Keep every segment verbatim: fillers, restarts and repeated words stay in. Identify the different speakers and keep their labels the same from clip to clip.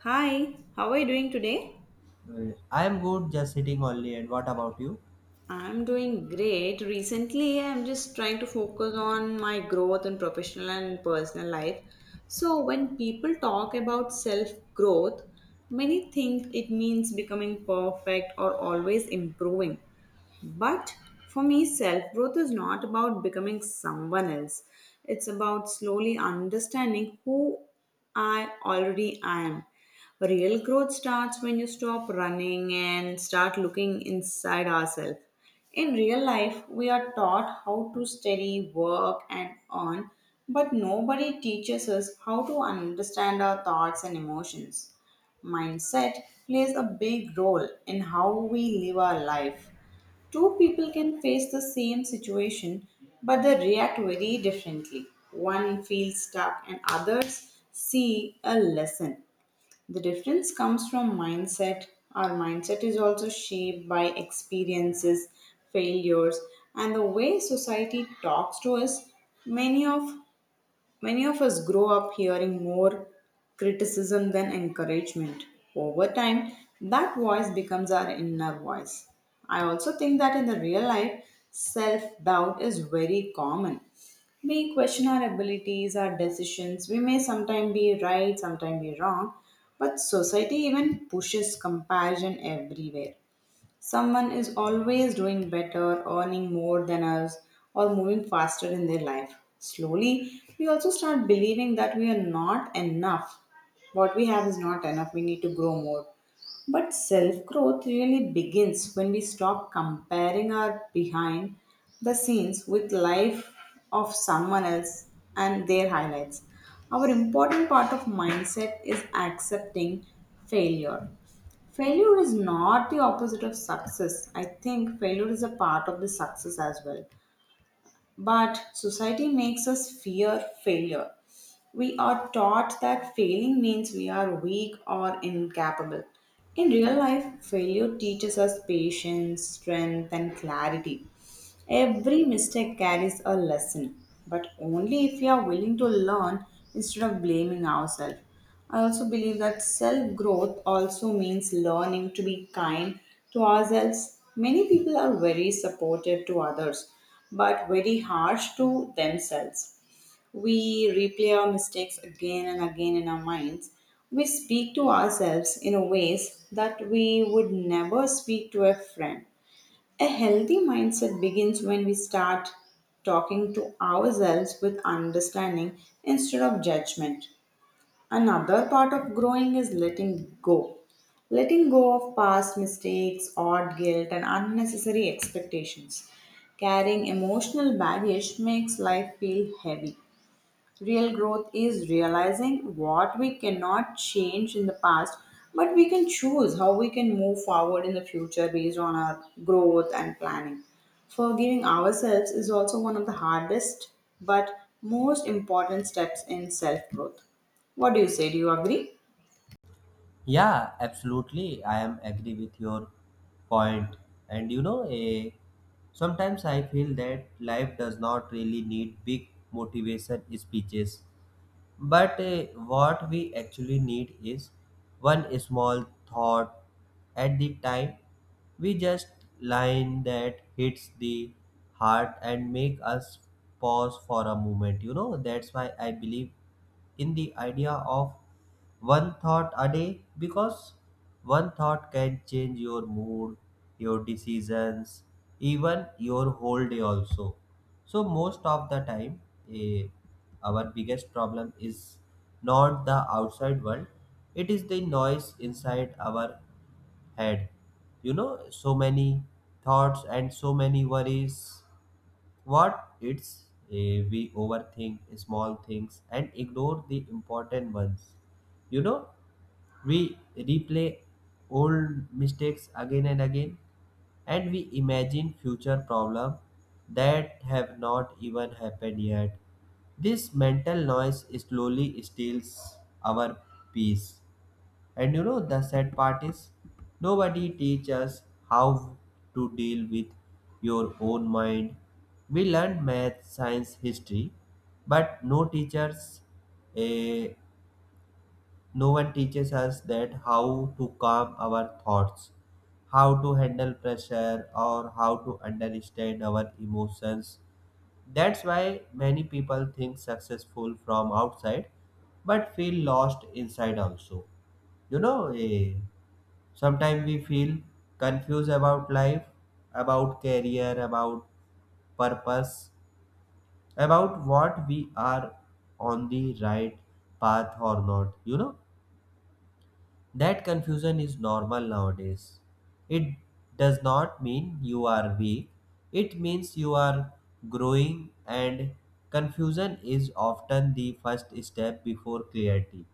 Speaker 1: Hi, how are you doing today?
Speaker 2: Uh, I am good, just sitting only. And what about you?
Speaker 1: I'm doing great. Recently, I'm just trying to focus on my growth in professional and personal life. So, when people talk about self growth, many think it means becoming perfect or always improving. But for me, self growth is not about becoming someone else, it's about slowly understanding who I already am. Real growth starts when you stop running and start looking inside ourselves. In real life, we are taught how to study, work, and earn, but nobody teaches us how to understand our thoughts and emotions. Mindset plays a big role in how we live our life. Two people can face the same situation, but they react very differently. One feels stuck, and others see a lesson. The difference comes from mindset. Our mindset is also shaped by experiences, failures, and the way society talks to us. Many of Many of us grow up hearing more criticism than encouragement. Over time, that voice becomes our inner voice. I also think that in the real life, self doubt is very common. We question our abilities, our decisions. We may sometimes be right, sometimes be wrong, but society even pushes comparison everywhere. Someone is always doing better, earning more than us, or moving faster in their life. Slowly, we also start believing that we are not enough. What we have is not enough, we need to grow more. But self growth really begins when we stop comparing our behind the scenes with life of someone else and their highlights. Our important part of mindset is accepting failure failure is not the opposite of success. I think failure is a part of the success as well, but society makes us fear failure. We are taught that failing means we are weak or incapable. In real life, failure teaches us patience, strength, and clarity. Every mistake carries a lesson, but only if we are willing to learn instead of blaming ourselves. I also believe that self growth also means learning to be kind to ourselves. Many people are very supportive to others, but very harsh to themselves. We replay our mistakes again and again in our minds. We speak to ourselves in a ways that we would never speak to a friend. A healthy mindset begins when we start talking to ourselves with understanding instead of judgment. Another part of growing is letting go. Letting go of past mistakes, odd guilt, and unnecessary expectations. Carrying emotional baggage makes life feel heavy. Real growth is realizing what we cannot change in the past, but we can choose how we can move forward in the future based on our growth and planning. Forgiving ourselves is also one of the hardest but most important steps in self growth. What do you say? Do you agree?
Speaker 2: Yeah, absolutely. I am agree with your point. And you know, eh, sometimes I feel that life does not really need big motivation speeches. But uh, what we actually need is one small thought at the time. We just line that hits the heart and make us pause for a moment. You know, that's why I believe in the idea of one thought a day because one thought can change your mood, your decisions, even your whole day also. So most of the time, eh, our biggest problem is not the outside world, it is the noise inside our head. You know, so many thoughts and so many worries. What it's eh, we overthink small things and ignore the important ones, you know. We replay old mistakes again and again, and we imagine future problems that have not even happened yet. This mental noise slowly steals our peace. And you know, the sad part is nobody teaches us how to deal with your own mind. We learn math, science, history, but no teachers eh, no one teaches us that how to calm our thoughts, how to handle pressure, or how to understand our emotions. That's why many people think successful from outside but feel lost inside also. You know, eh, sometimes we feel confused about life, about career, about purpose, about what we are on the right path or not, you know. That confusion is normal nowadays. It does not mean you are weak, it means you are growing, and confusion is often the first step before clarity,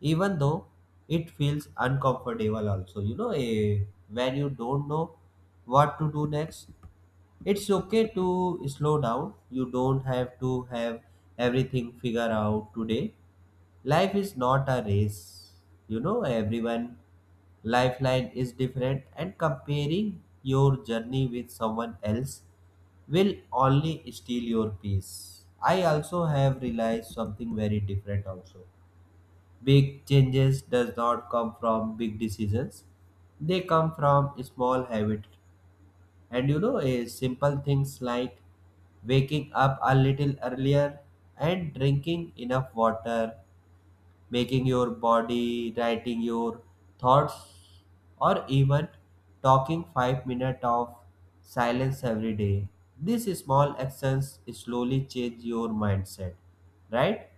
Speaker 2: even though it feels uncomfortable, also. You know, eh, when you don't know what to do next, it's okay to slow down. You don't have to have everything figured out today. Life is not a race. You know, everyone lifeline is different and comparing your journey with someone else will only steal your peace. I also have realized something very different also. Big changes does not come from big decisions, they come from small habits. And you know, a simple things like waking up a little earlier and drinking enough water, making your body, writing your thoughts, or even talking five minutes of silence every day. These small actions slowly change your mindset, right?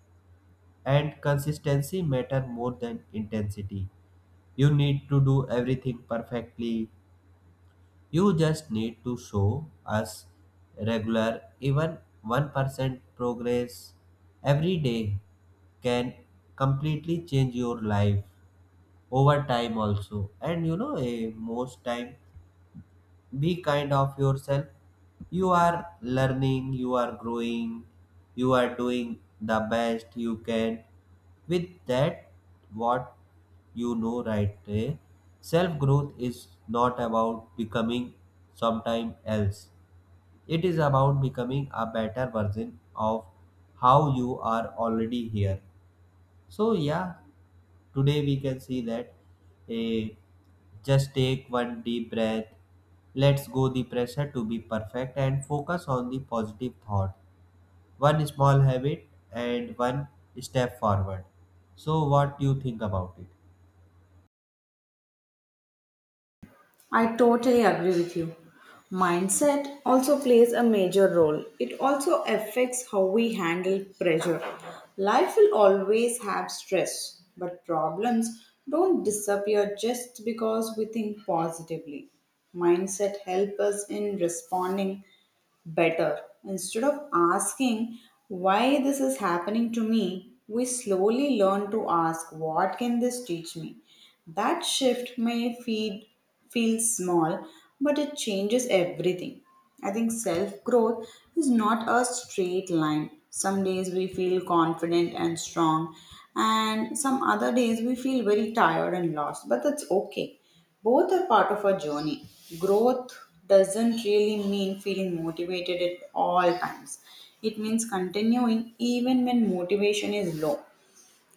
Speaker 2: And consistency matter more than intensity. You need to do everything perfectly. You just need to show us regular, even one percent progress every day can completely change your life over time also. And you know, eh, most time be kind of yourself. You are learning, you are growing, you are doing the best you can with that what you know, right? Eh, self growth is not about becoming sometime else, it is about becoming a better version of how you are already here. So yeah, today we can see that a just take one deep breath. Let's go the pressure to be perfect and focus on the positive thought. One small habit and one step forward. So what do you think about it?
Speaker 1: I totally agree with you. Mindset also plays a major role. It also affects how we handle pressure. Life will always have stress, but problems don't disappear just because we think positively. Mindset helps us in responding better. Instead of asking why this is happening to me, we slowly learn to ask what can this teach me. That shift may feel, feel small, but it changes everything. I think self growth is not a straight line. Some days we feel confident and strong, and some other days we feel very tired and lost, but that's okay, both are part of our journey. Growth doesn't really mean feeling motivated at all times. It means continuing even when motivation is low.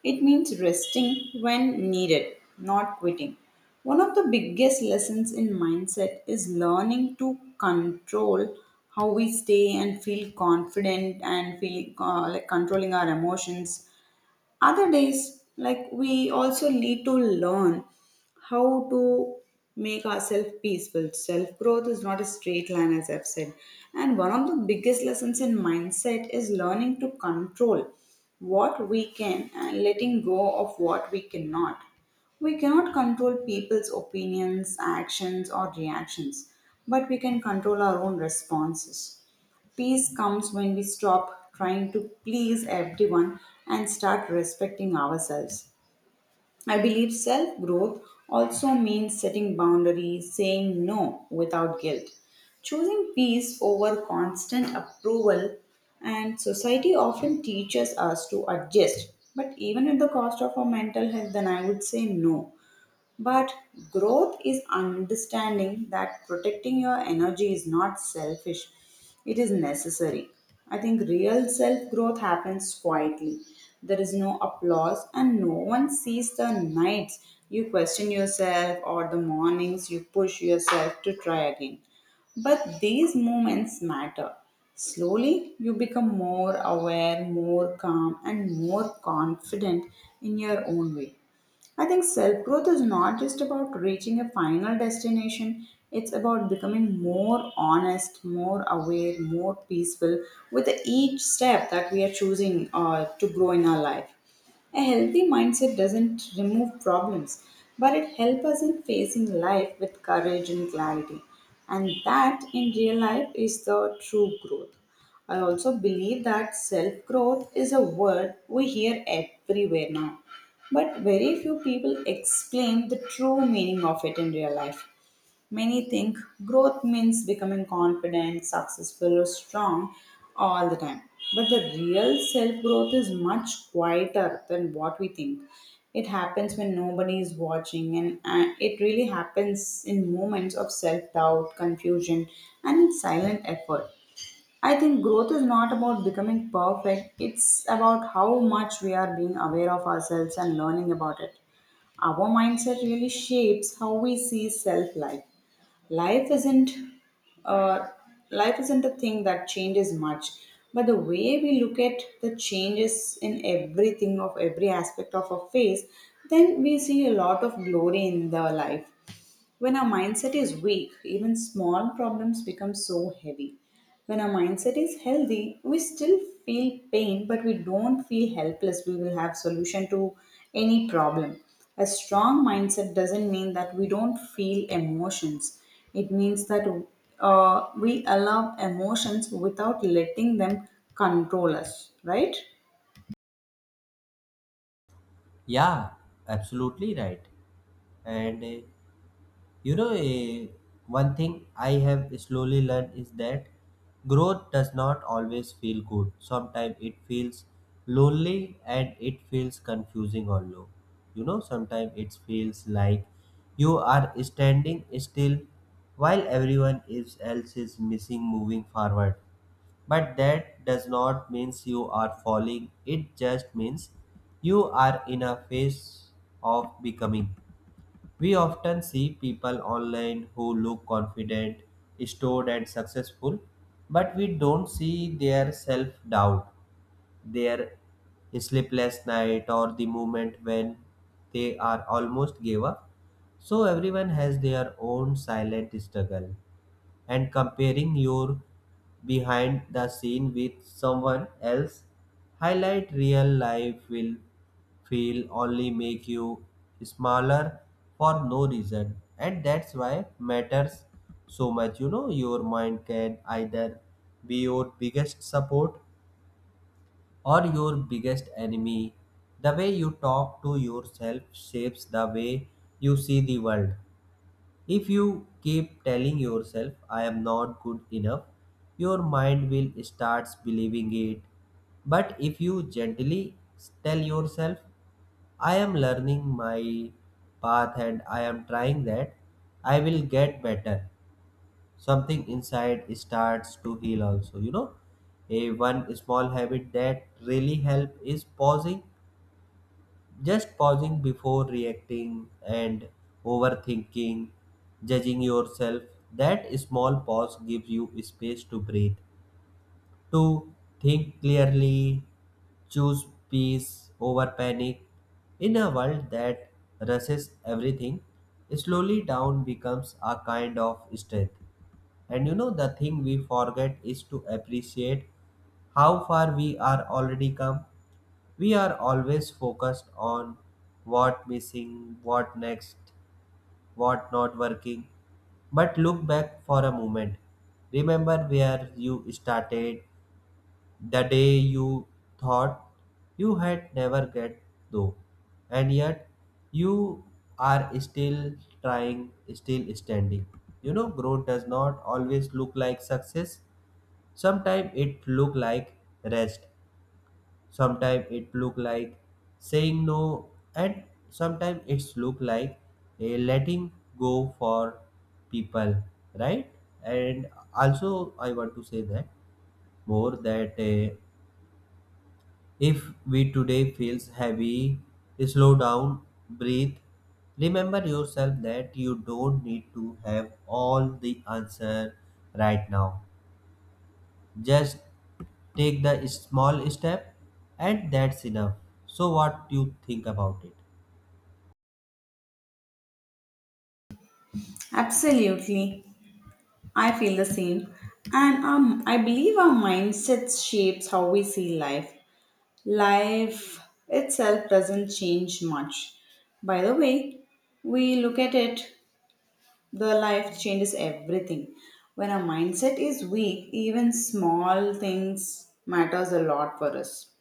Speaker 1: It means resting when needed, not quitting. One of the biggest lessons in mindset is learning to control how we stay and feel confident and feel uh, like controlling our emotions. Other days, like, we also need to learn how to make ourselves peaceful. Self growth is not a straight line, as I've said, and one of the biggest lessons in mindset is learning to control what we can and letting go of what we cannot. We cannot control people's opinions, actions, or reactions, but we can control our own responses. Peace comes when we stop trying to please everyone and start respecting ourselves. I believe self growth also means setting boundaries, saying no without guilt, choosing peace over constant approval, and society often teaches us to adjust, but even at the cost of our mental health, then I would say no. But growth is understanding that protecting your energy is not selfish, it is necessary. I think real self growth happens quietly. There is no applause, and no one sees the nights you question yourself or the mornings you push yourself to try again. But these moments matter. Slowly, you become more aware, more calm, and more confident in your own way. I think self growth is not just about reaching a final destination, it's about becoming more honest, more aware, more peaceful with each step that we are choosing uh, to grow in our life. A healthy mindset doesn't remove problems, but it helps us in facing life with courage and clarity. And that in real life is the true growth. I also believe that self growth is a word we hear everywhere now, but very few people explain the true meaning of it in real life. Many think growth means becoming confident, successful, or strong all the time. But the real self growth is much quieter than what we think. It happens when nobody is watching, and uh, it really happens in moments of self doubt, confusion, and in silent effort. I think growth is not about becoming perfect, it's about how much we are being aware of ourselves and learning about it. Our mindset really shapes how we see self life. Life isn't uh, life isn't a thing that changes much, but the way we look at the changes in everything of every aspect of our face, then we see a lot of glory in the life. When our mindset is weak, even small problems become so heavy. When our mindset is healthy, we still feel pain, but we don't feel helpless. We will have solution to any problem. A strong mindset doesn't mean that we don't feel emotions. It means that uh, we allow emotions without letting them control us, right?
Speaker 2: Yeah, absolutely right. And uh, you know, eh, one thing I have slowly learned is that growth does not always feel good. Sometimes it feels lonely and it feels confusing or low. You know, sometimes it feels like you are standing still while everyone is- else is missing moving forward. But that does not means you are falling. It just means you are in a phase of becoming. We often see people online who look confident, stored, and successful, but we don't see their self doubt, their sleepless night, or the moment when they are almost gave up. So everyone has their own silent struggle and comparing your behind the scene with someone else highlight real life will feel only make you smaller for no reason. And that's why matters so much. You know, your mind can either be your biggest support or your biggest enemy. The way you talk to yourself shapes the way you see the world. If you keep telling yourself, I am not good enough, your mind will start believing it. But if you gently tell yourself, I am learning my path and I am trying that, I will get better. Something inside starts to heal also, you know. A one small habit that really help is pausing, just pausing before reacting and overthinking, judging yourself. That small pause gives you space to breathe, to think clearly, choose peace over panic. In a world that rushes everything, slowly down becomes a kind of strength. And you know, the thing we forget is to appreciate how far we are already come. We are always focused on what missing, what next, what not working. But look back for a moment. Remember where you started, the day you thought you had never get though, and yet you are still trying, still standing. You know, growth does not always look like success. Sometimes it look like rest, sometimes it look like saying no, and sometimes it's look like a letting go for people, right? And also I want to say that more that, uh, if we today feels heavy, slow down, breathe, remember yourself that you don't need to have all the answer right now. Just take the small step and that's enough. So what you think about it?
Speaker 1: Absolutely. I feel the same. And um, I believe our mindset shapes how we see life. Life itself doesn't change much. By the way, we look at it, the life changes everything. When our mindset is weak, even small things matters a lot for us.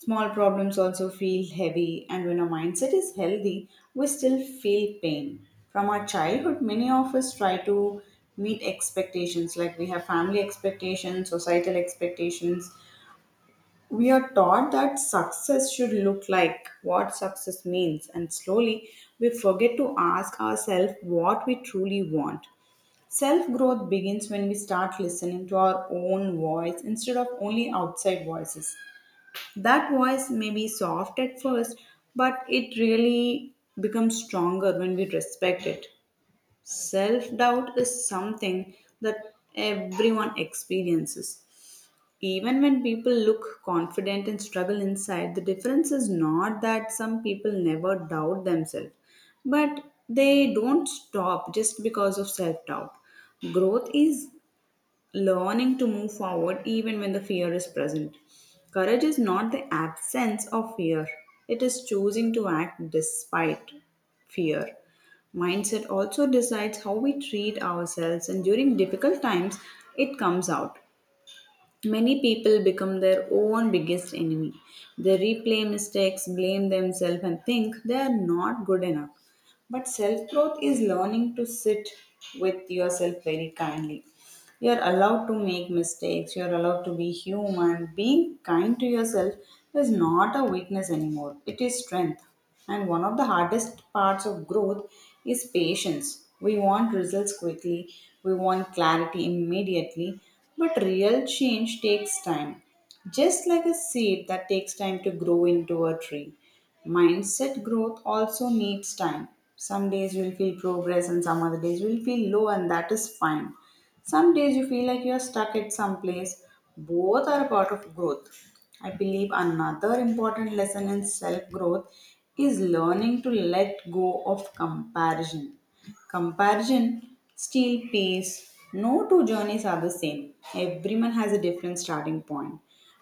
Speaker 1: Small problems also feel heavy, and when our mindset is healthy, we still feel pain. From our childhood, many of us try to meet expectations like we have family expectations, societal expectations. We are taught that success should look like what success means, and slowly we forget to ask ourselves what we truly want. Self growth begins when we start listening to our own voice instead of only outside voices. That voice may be soft at first, but it really becomes stronger when we respect it. Self doubt is something that everyone experiences, even when people look confident and struggle inside. The difference is not that some people never doubt themselves, but they don't stop just because of self doubt. Growth is learning to move forward even when the fear is present. Courage is not the absence of fear, it is choosing to act despite fear. Mindset also decides how we treat ourselves, and during difficult times, it comes out. Many people become their own biggest enemy. They replay mistakes, blame themselves, and think they are not good enough. But self growth is learning to sit with yourself very kindly. You're allowed to make mistakes, you're allowed to be human. Being kind to yourself is not a weakness anymore, it is strength. And one of the hardest parts of growth is patience. We want results quickly, we want clarity immediately, but real change takes time. Just like a seed that takes time to grow into a tree, mindset growth also needs time. Some days we'll feel progress, and some other days we'll feel low, and that is fine. Some days you feel like you are stuck at some place. Both are a part of growth. I believe another important lesson in self growth is learning to let go of comparison. Comparison, steel pace, no two journeys are the same. Everyone has a different starting point,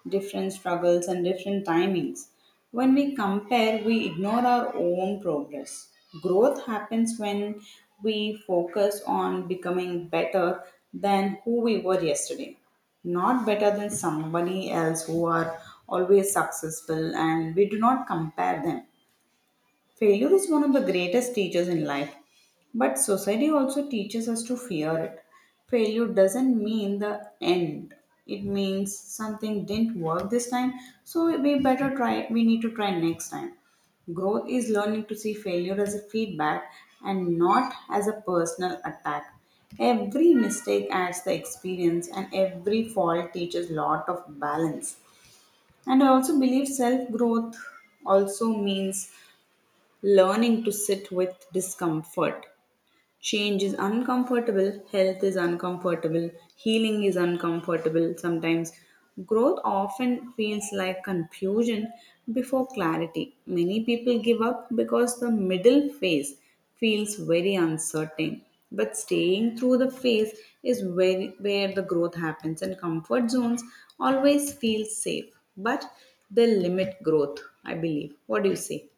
Speaker 1: different struggles, and different timings. When we compare, we ignore our own progress. Growth happens when we focus on becoming better than who we were yesterday, not better than somebody else who are always successful, and we do not compare them. Failure is one of the greatest teachers in life, but society also teaches us to fear it. Failure doesn't mean the end. It means something didn't work this time, so we better try we need to try next time. Growth is learning to see failure as a feedback and not as a personal attack. Every mistake adds the experience and every fault teaches lot of balance. And I also believe self growth also means learning to sit with discomfort. Change is uncomfortable, health is uncomfortable, healing is uncomfortable sometimes. Growth often feels like confusion before clarity. Many people give up because the middle phase feels very uncertain. But staying through the phase is where, where the growth happens, and comfort zones always feel safe, but they limit growth, I believe. What do you say?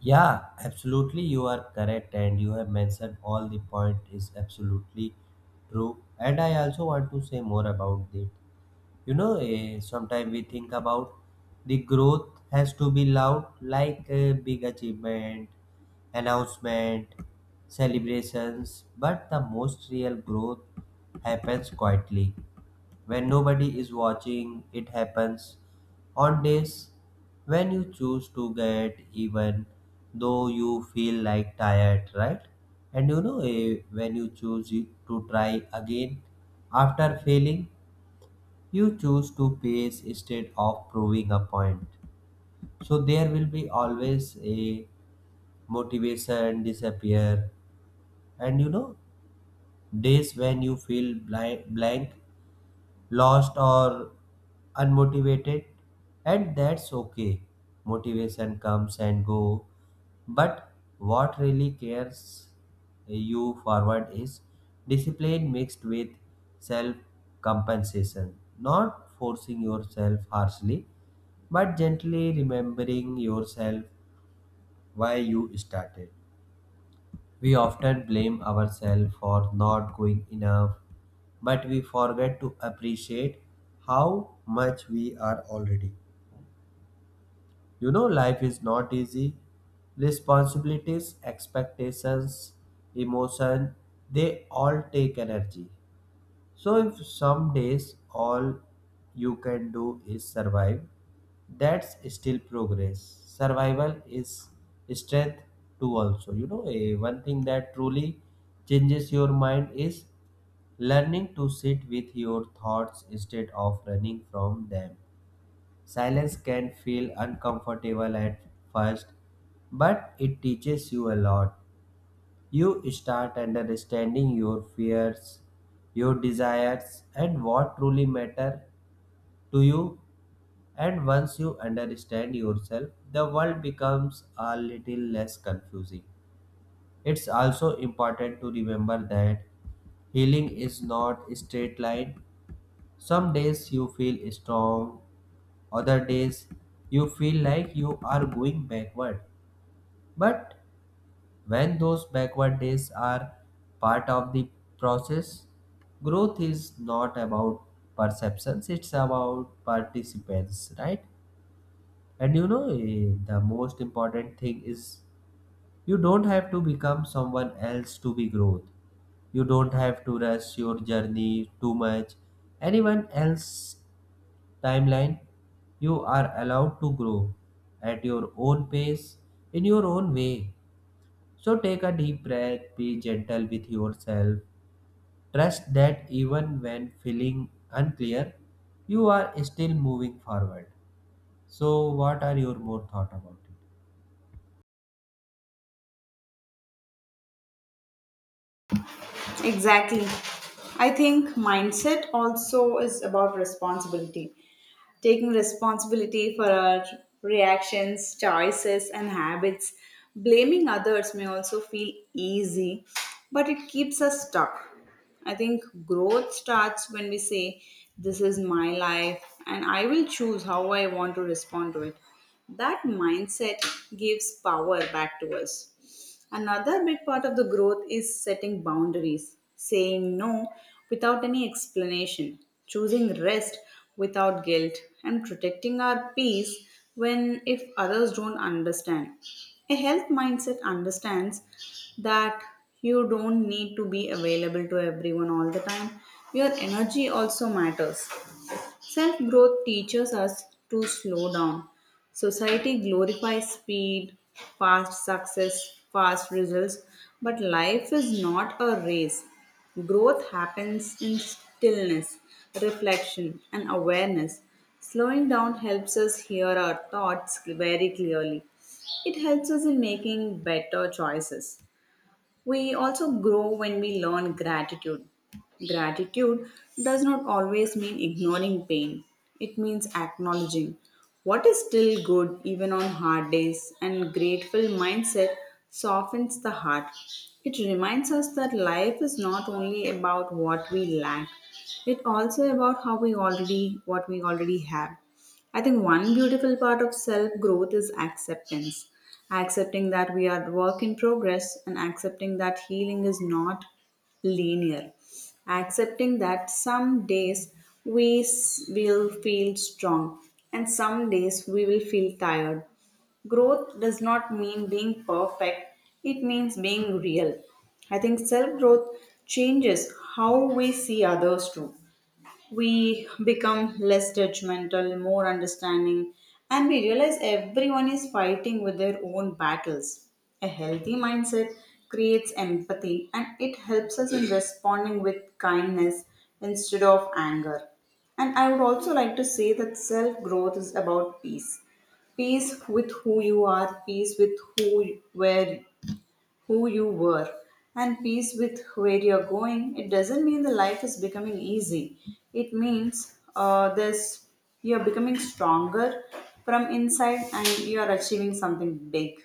Speaker 2: Yeah, absolutely you are correct and you have mentioned all the point is absolutely true and I also want to say more about it. You know, eh, sometimes we think about the growth has to be loud like a big achievement, announcement, celebrations, but the most real growth happens quietly. When nobody is watching, it happens on days when you choose to get even though you feel like tired, right? And you know, eh, when you choose you- to try again after failing, you choose to pace instead of proving a point. So there will be always a motivation disappear, and you know, days when you feel blank, blank lost or unmotivated, and that's okay. Motivation comes and go, but what really cares you forward is discipline mixed with self compensation, not forcing yourself harshly but gently remembering yourself why you started. We often blame ourselves for not going enough, but we forget to appreciate how much we are already. You know, life is not easy. Responsibilities, expectations, emotion, they all take energy. So, if some days all you can do is survive, that's still progress. Survival is strength too, also. You know, a one thing that truly changes your mind is learning to sit with your thoughts instead of running from them. Silence can feel uncomfortable at first, but it teaches you a lot. You start understanding your fears, your desires, and what truly matter to you. And once you understand yourself, the world becomes a little less confusing. It's also important to remember that healing is not a straight line. Some days you feel strong, other days you feel like you are going backward. But when those backward days are part of the process, growth is not about perceptions, it's about participants, right? And you know, eh, the most important thing is you don't have to become someone else to be growth. You don't have to rush your journey too much. Anyone else timeline. You are allowed to grow at your own pace, in your own way. So take a deep breath, be gentle with yourself. Trust that even when feeling unclear, you are still moving forward. So, what are your more thought about it?
Speaker 1: Exactly. I think mindset also is about responsibility. Taking responsibility for our reactions, choices, and habits. Blaming others may also feel easy, but it keeps us stuck. I think growth starts when we say, this is my life, and I will choose how I want to respond to it. That mindset gives power back to us. Another big part of the growth is setting boundaries, saying no without any explanation, choosing rest without guilt, and protecting our peace when if others don't understand. A health mindset understands that you don't need to be available to everyone all the time. Your energy also matters. Self growth teaches us to slow down. Society glorifies speed, fast success, fast results, but life is not a race. Growth happens in stillness, reflection, and awareness. Slowing down helps us hear our thoughts very clearly. It helps us in making better choices. We also grow when we learn gratitude. Gratitude does not always mean ignoring pain, it means acknowledging what is still good even on hard days, and grateful mindset softens the heart. It reminds us that life is not only about what we lack, it also about how we already what we already have. I think one beautiful part of self growth is acceptance, accepting that we are work in progress, and accepting that healing is not linear, accepting that some days we s- will feel strong and some days we will feel tired. Growth does not mean being perfect, it means being real. I think self growth changes how we see others too. We become less judgmental, more understanding, and we realize everyone is fighting with their own battles. A healthy mindset creates empathy and it helps us in responding with kindness instead of anger. And I would also like to say that self growth is about peace, peace with who you are, peace with who where who you were, and peace with where you're going. It doesn't mean the life is becoming easy, it means uh, this you're becoming stronger from inside and you're achieving something big.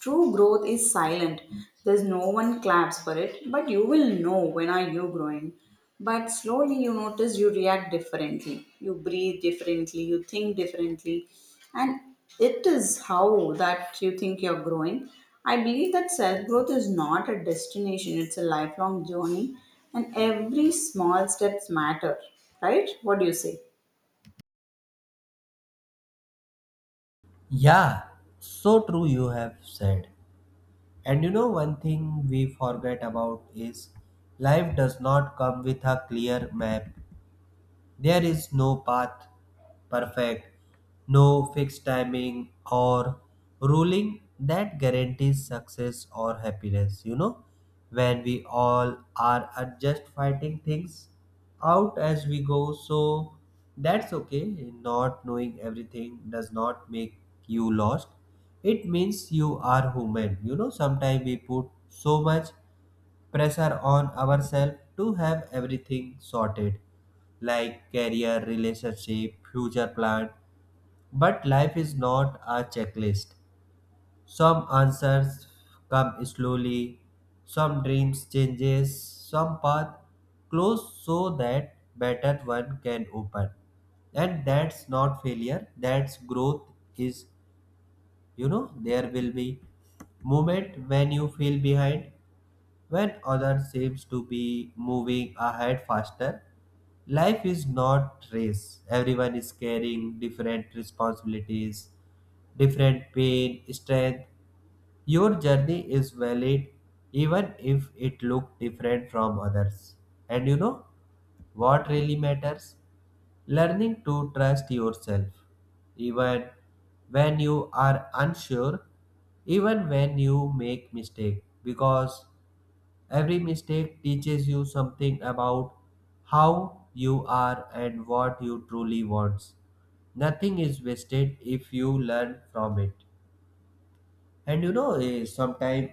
Speaker 1: True growth is silent. There's no one claps for it, but you will know when are you growing. But slowly you notice you react differently. You breathe differently, you think differently. And it is how that you think you're growing. I believe that self growth is not a destination, it's a lifelong journey and every small steps matter, right? What do you say?
Speaker 2: Yeah, so true you have said. And you know, one thing we forget about is life does not come with a clear map. There is no path perfect, no fixed timing or ruling that guarantees success or happiness. You know, when we all are uh, just fighting things out as we go, so that's okay. Not knowing everything does not make you lost. It means you are human. You know, sometimes we put so much pressure on ourselves to have everything sorted, like career, relationship, future plan. But life is not a checklist. Some answers come slowly, some dreams changes, some path close so that better one can open. And that's not failure, that's growth is. You know, there will be moment when you feel behind, when others seems to be moving ahead faster, life is not race. Everyone is carrying different responsibilities, different pain, strength. Your journey is valid even if it look different from others. And you know, what really matters? Learning to trust yourself. Even when you are unsure, even when you make mistake, because every mistake teaches you something about how you are and what you truly want. Nothing is wasted if you learn from it. And you know, sometimes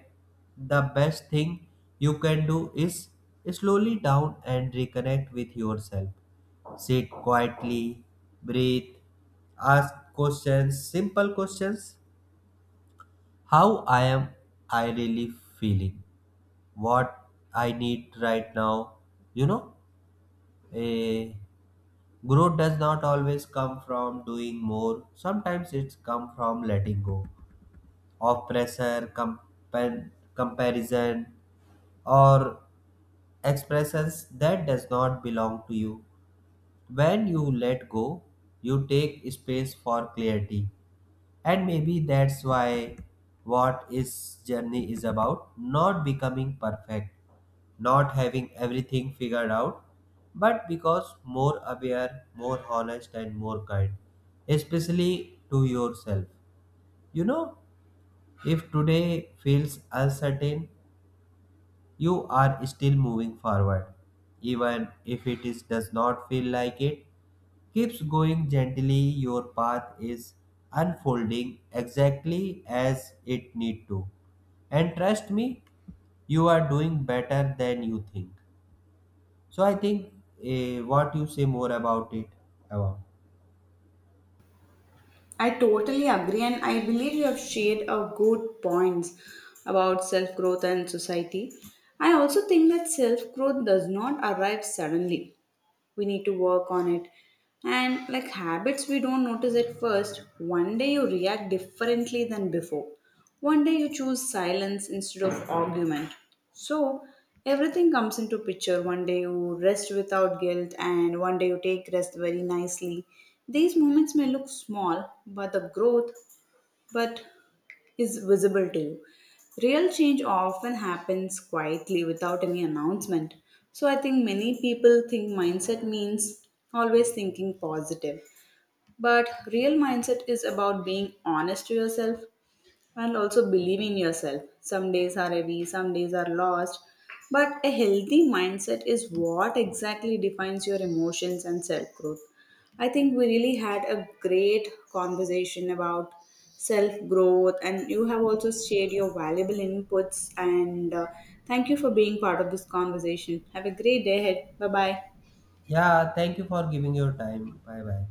Speaker 2: the best thing you can do is slowly down and reconnect with yourself. Sit quietly, breathe, ask questions, simple questions. How I am I really feeling? What I need right now. You know, a growth does not always come from doing more. Sometimes it's come from letting go of pressure, compa- comparison, or expressions that does not belong to you. When you let go, you take space for clarity. And maybe that's why what is journey is about not becoming perfect, not having everything figured out, but because more aware, more honest, and more kind, especially to yourself. You know, if today feels uncertain, you are still moving forward, even if it is, does not feel like it. Keeps going gently, your path is unfolding exactly as it need to, and trust me, you are doing better than you think. So I think, eh, what you say more about it about?
Speaker 1: I totally agree, and I believe you have shared a good points about self growth and society. I also think that self growth does not arrive suddenly, we need to work on it, and like habits we don't notice at first. One day you react differently than before, one day you choose silence instead of argument, so everything comes into picture. One day you rest without guilt and one day you take rest very nicely. These moments may look small but the growth, but, is visible to you. Real change often happens quietly without any announcement. So I think many people think mindset means always thinking positive. But real mindset is about being honest to yourself, and also believe in yourself. Some days are heavy, some days are lost, but a healthy mindset is what exactly defines your emotions and self growth. I think we really had a great conversation about self growth, and you have also shared your valuable inputs. And uh, thank you for being part of this conversation. Have a great day ahead. Bye bye.
Speaker 2: Yeah, thank you for giving your time. Bye bye.